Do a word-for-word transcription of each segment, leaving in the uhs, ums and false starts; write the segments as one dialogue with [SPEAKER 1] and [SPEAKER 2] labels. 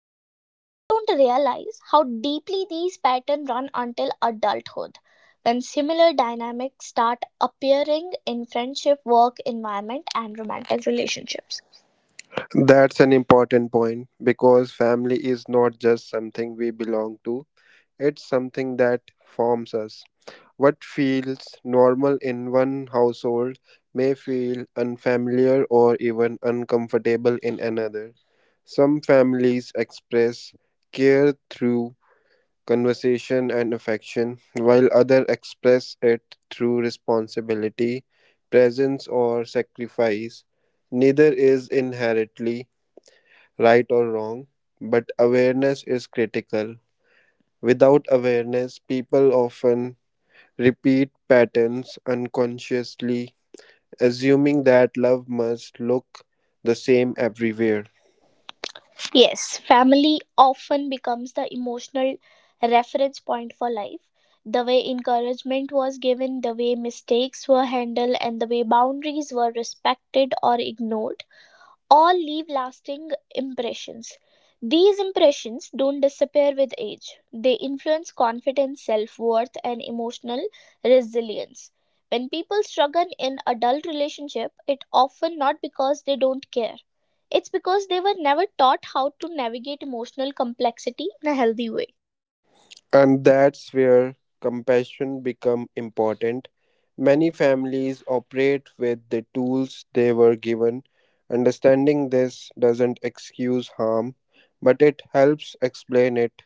[SPEAKER 1] Most people don't realize how deeply these patterns run until adulthood, when similar dynamics start appearing in friendship, work environment, and romantic relationships.
[SPEAKER 2] That's an important point because family is not just something we belong to, it's something that forms us. What feels normal in one household may feel unfamiliar or even uncomfortable in another. Some families express care through conversation and affection, while others express it through responsibility, presence, or sacrifice. Neither is inherently right or wrong, but awareness is critical. Without awareness, people often repeat patterns unconsciously, assuming that love must look the same everywhere.
[SPEAKER 1] Yes, family often becomes the emotional reference point for life. The way encouragement was given, the way mistakes were handled, and the way boundaries were respected or ignored all leave lasting impressions. These impressions don't disappear with age. They influence confidence, self worth, and emotional resilience. When people struggle in adult relationship, it often not because they don't care. It's because they were never taught how to navigate emotional complexity in a healthy way.
[SPEAKER 2] And that's where compassion become important. Many families operate with the tools they were given. Understanding this doesn't excuse harm, but it helps explain it.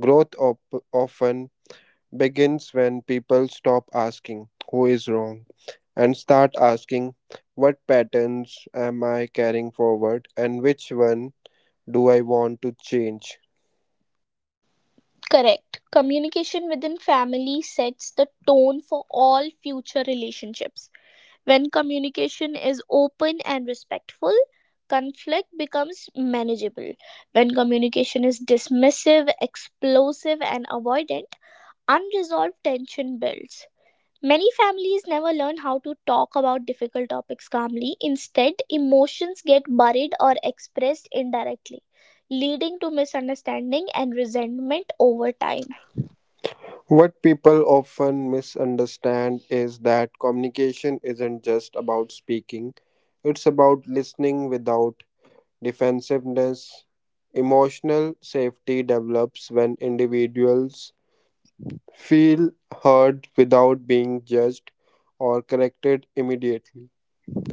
[SPEAKER 2] Growth op- often begins when people stop asking who is wrong and start asking what patterns am I carrying forward and which one do I want to change.
[SPEAKER 1] Correct. Communication within family sets the tone for all future relationships. When communication is open and respectful, conflict becomes manageable. When communication is dismissive, explosive, and avoidant, unresolved tension builds. Many families never learn how to talk about difficult topics calmly. Instead, emotions get buried or expressed indirectly, leading to misunderstanding and resentment over time.
[SPEAKER 2] What people often misunderstand is that communication isn't just about speaking, it's about listening without defensiveness. Emotional safety develops when individuals feel heard without being judged or corrected immediately.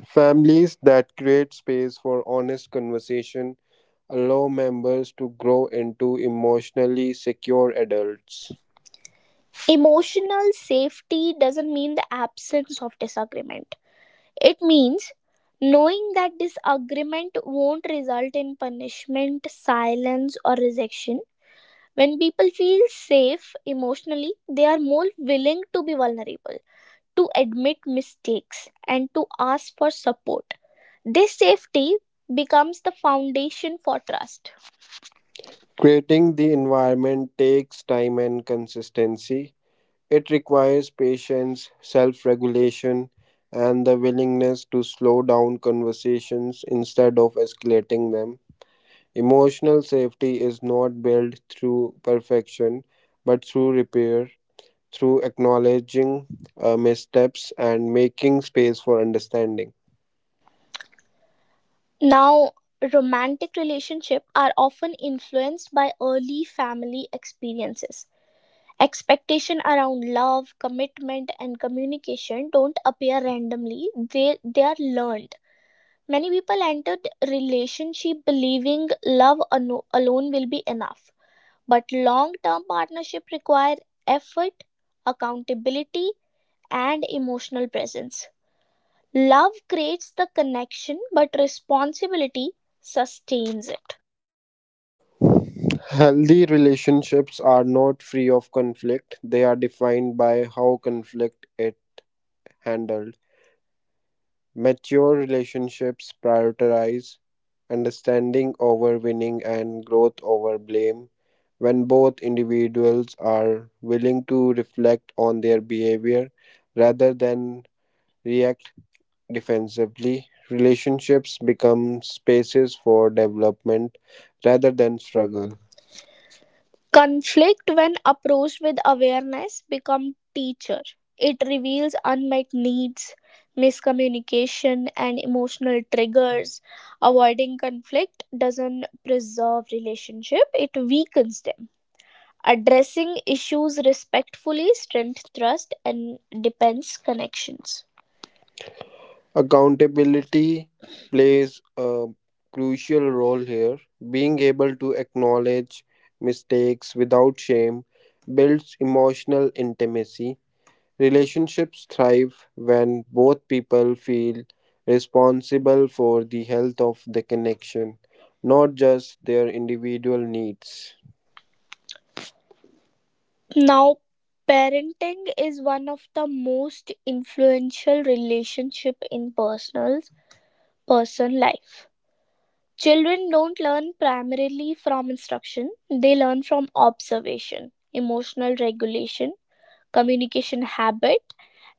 [SPEAKER 2] Families that create space for honest conversation allow members to grow into emotionally secure adults. Emotion
[SPEAKER 1] Emotional safety doesn't mean the absence of disagreement. It means knowing that disagreement won't result in punishment, silence, or rejection. When people feel safe emotionally, they are more willing to be vulnerable, to admit mistakes, and to ask for support. This safety becomes the foundation for trust.
[SPEAKER 2] Creating the environment takes time and consistency. It requires patience, self regulation, and the willingness to slow down conversations instead of escalating them. Emotional safety is not built through perfection, but through repair, through acknowledging uh, missteps and making space for understanding.
[SPEAKER 1] Now, romantic relationships are often influenced by early family experiences. Expectation around love, commitment, and communication don't appear randomly. They they are learned. Many people entered relationship believing love ano- alone will be enough, but long-term partnership require effort, accountability, and emotional presence. Love creates the connection, but responsibility sustains it.
[SPEAKER 2] Healthy relationships are not free of conflict, they are defined by how conflict is handled. Mature relationships prioritize understanding over winning and growth over blame. When both individuals are willing to reflect on their behavior rather than react defensively, relationships become spaces for development rather than
[SPEAKER 1] Struggle.
[SPEAKER 2] struggle.
[SPEAKER 1] Conflict, when approached with awareness, become teacher. It reveals unmet needs, miscommunication, and emotional triggers. Avoiding conflict doesn't preserve relationship; it weakens them. Addressing issues respectfully strengthens trust and depends connections.
[SPEAKER 2] Accountability plays a crucial role here. Being able to acknowledge mistakes without shame builds emotional intimacy. Relationships thrive when both people feel responsible for the health of the connection, not just their individual needs.
[SPEAKER 1] Now, parenting is one of the most influential relationship in personal person life. Children don't learn primarily from instruction, they learn from observation, emotional regulation, communication habit,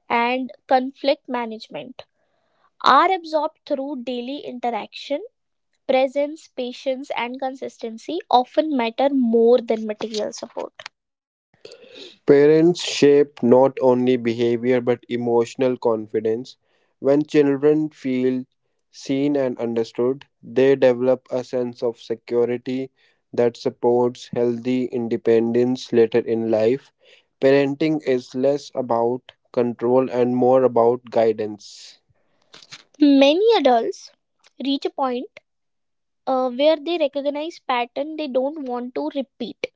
[SPEAKER 1] and conflict management. Are absorbed through daily interaction, presence, patience, and consistency often matter more than material support.
[SPEAKER 2] Parents shape not only behavior but emotional confidence. When children feel seen and understood, they develop a sense of security that supports healthy independence later in life. Parenting is less about control and more about guidance.
[SPEAKER 1] Many adults reach a point, uh, where they recognize pattern they don't want to repeat.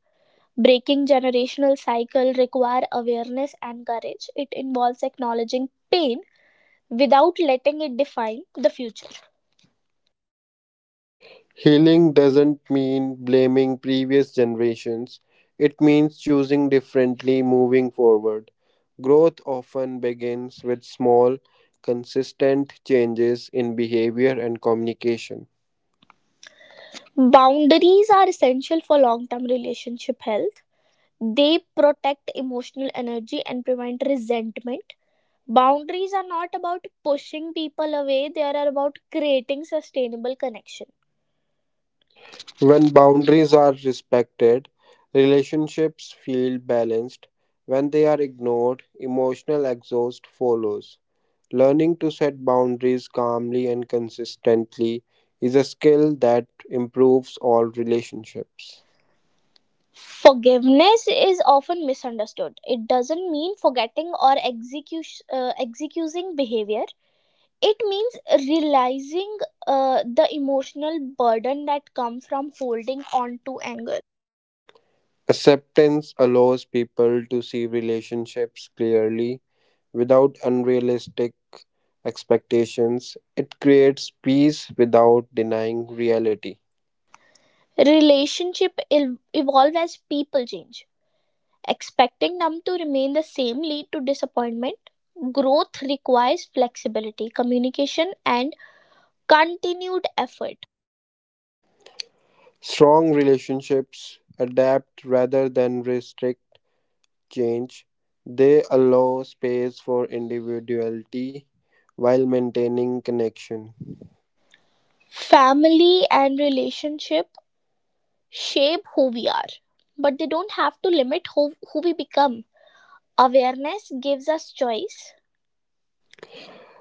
[SPEAKER 1] Breaking generational cycle require awareness and courage. It involves acknowledging pain without letting it define the future.
[SPEAKER 2] Healing doesn't mean blaming previous generations, it means choosing differently moving forward. Growth often begins with small, consistent changes in behavior and communication.
[SPEAKER 1] Boundaries are essential for long-term relationship health. They protect emotional energy and prevent resentment. Boundaries are not about pushing people away, they are about creating sustainable connection.
[SPEAKER 2] When
[SPEAKER 1] When bound.
[SPEAKER 2] boundaries are respected, relationships feel balanced. When they are ignored, emotional exhaust follows. Learning to set boundaries calmly and consistently is a skill that improves all relationships.
[SPEAKER 1] Forgiveness is often misunderstood. It doesn't mean forgetting or execu- uh, excusing behavior. It means realizing, uh, the emotional burden that comes from holding on to anger.
[SPEAKER 2] Acceptance allows people to see relationships clearly without unrealistic expectations. It creates peace without denying reality.
[SPEAKER 1] Relationship el- evolve as people change. Expecting them to remain the same lead to disappointment. Growth requires flexibility, communication, and continued effort.
[SPEAKER 2] Strong relationships adapt rather than restrict change. They allow space for individuality while maintaining connection.
[SPEAKER 1] Family and relationship shape who we are, but they don't have to limit who, who we become. Awareness gives us choice.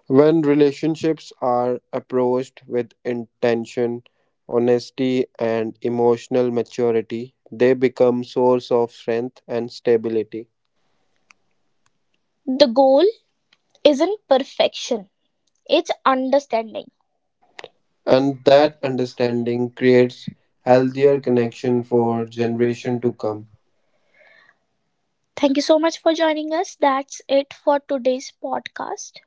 [SPEAKER 2] When relationships are approached with intention, honesty, and emotional maturity, they become source of strength and stability.
[SPEAKER 1] The goal isn't perfection, it's understanding. And
[SPEAKER 2] And that
[SPEAKER 1] that
[SPEAKER 2] understanding
[SPEAKER 1] understanding
[SPEAKER 2] creates
[SPEAKER 1] creates
[SPEAKER 2] healthier
[SPEAKER 1] healthier
[SPEAKER 2] connection
[SPEAKER 1] connection
[SPEAKER 2] for
[SPEAKER 1] for
[SPEAKER 2] generation
[SPEAKER 1] generation
[SPEAKER 2] to
[SPEAKER 1] to
[SPEAKER 2] come.
[SPEAKER 1] come. Thank you so much for joining us. That's it for today's podcast.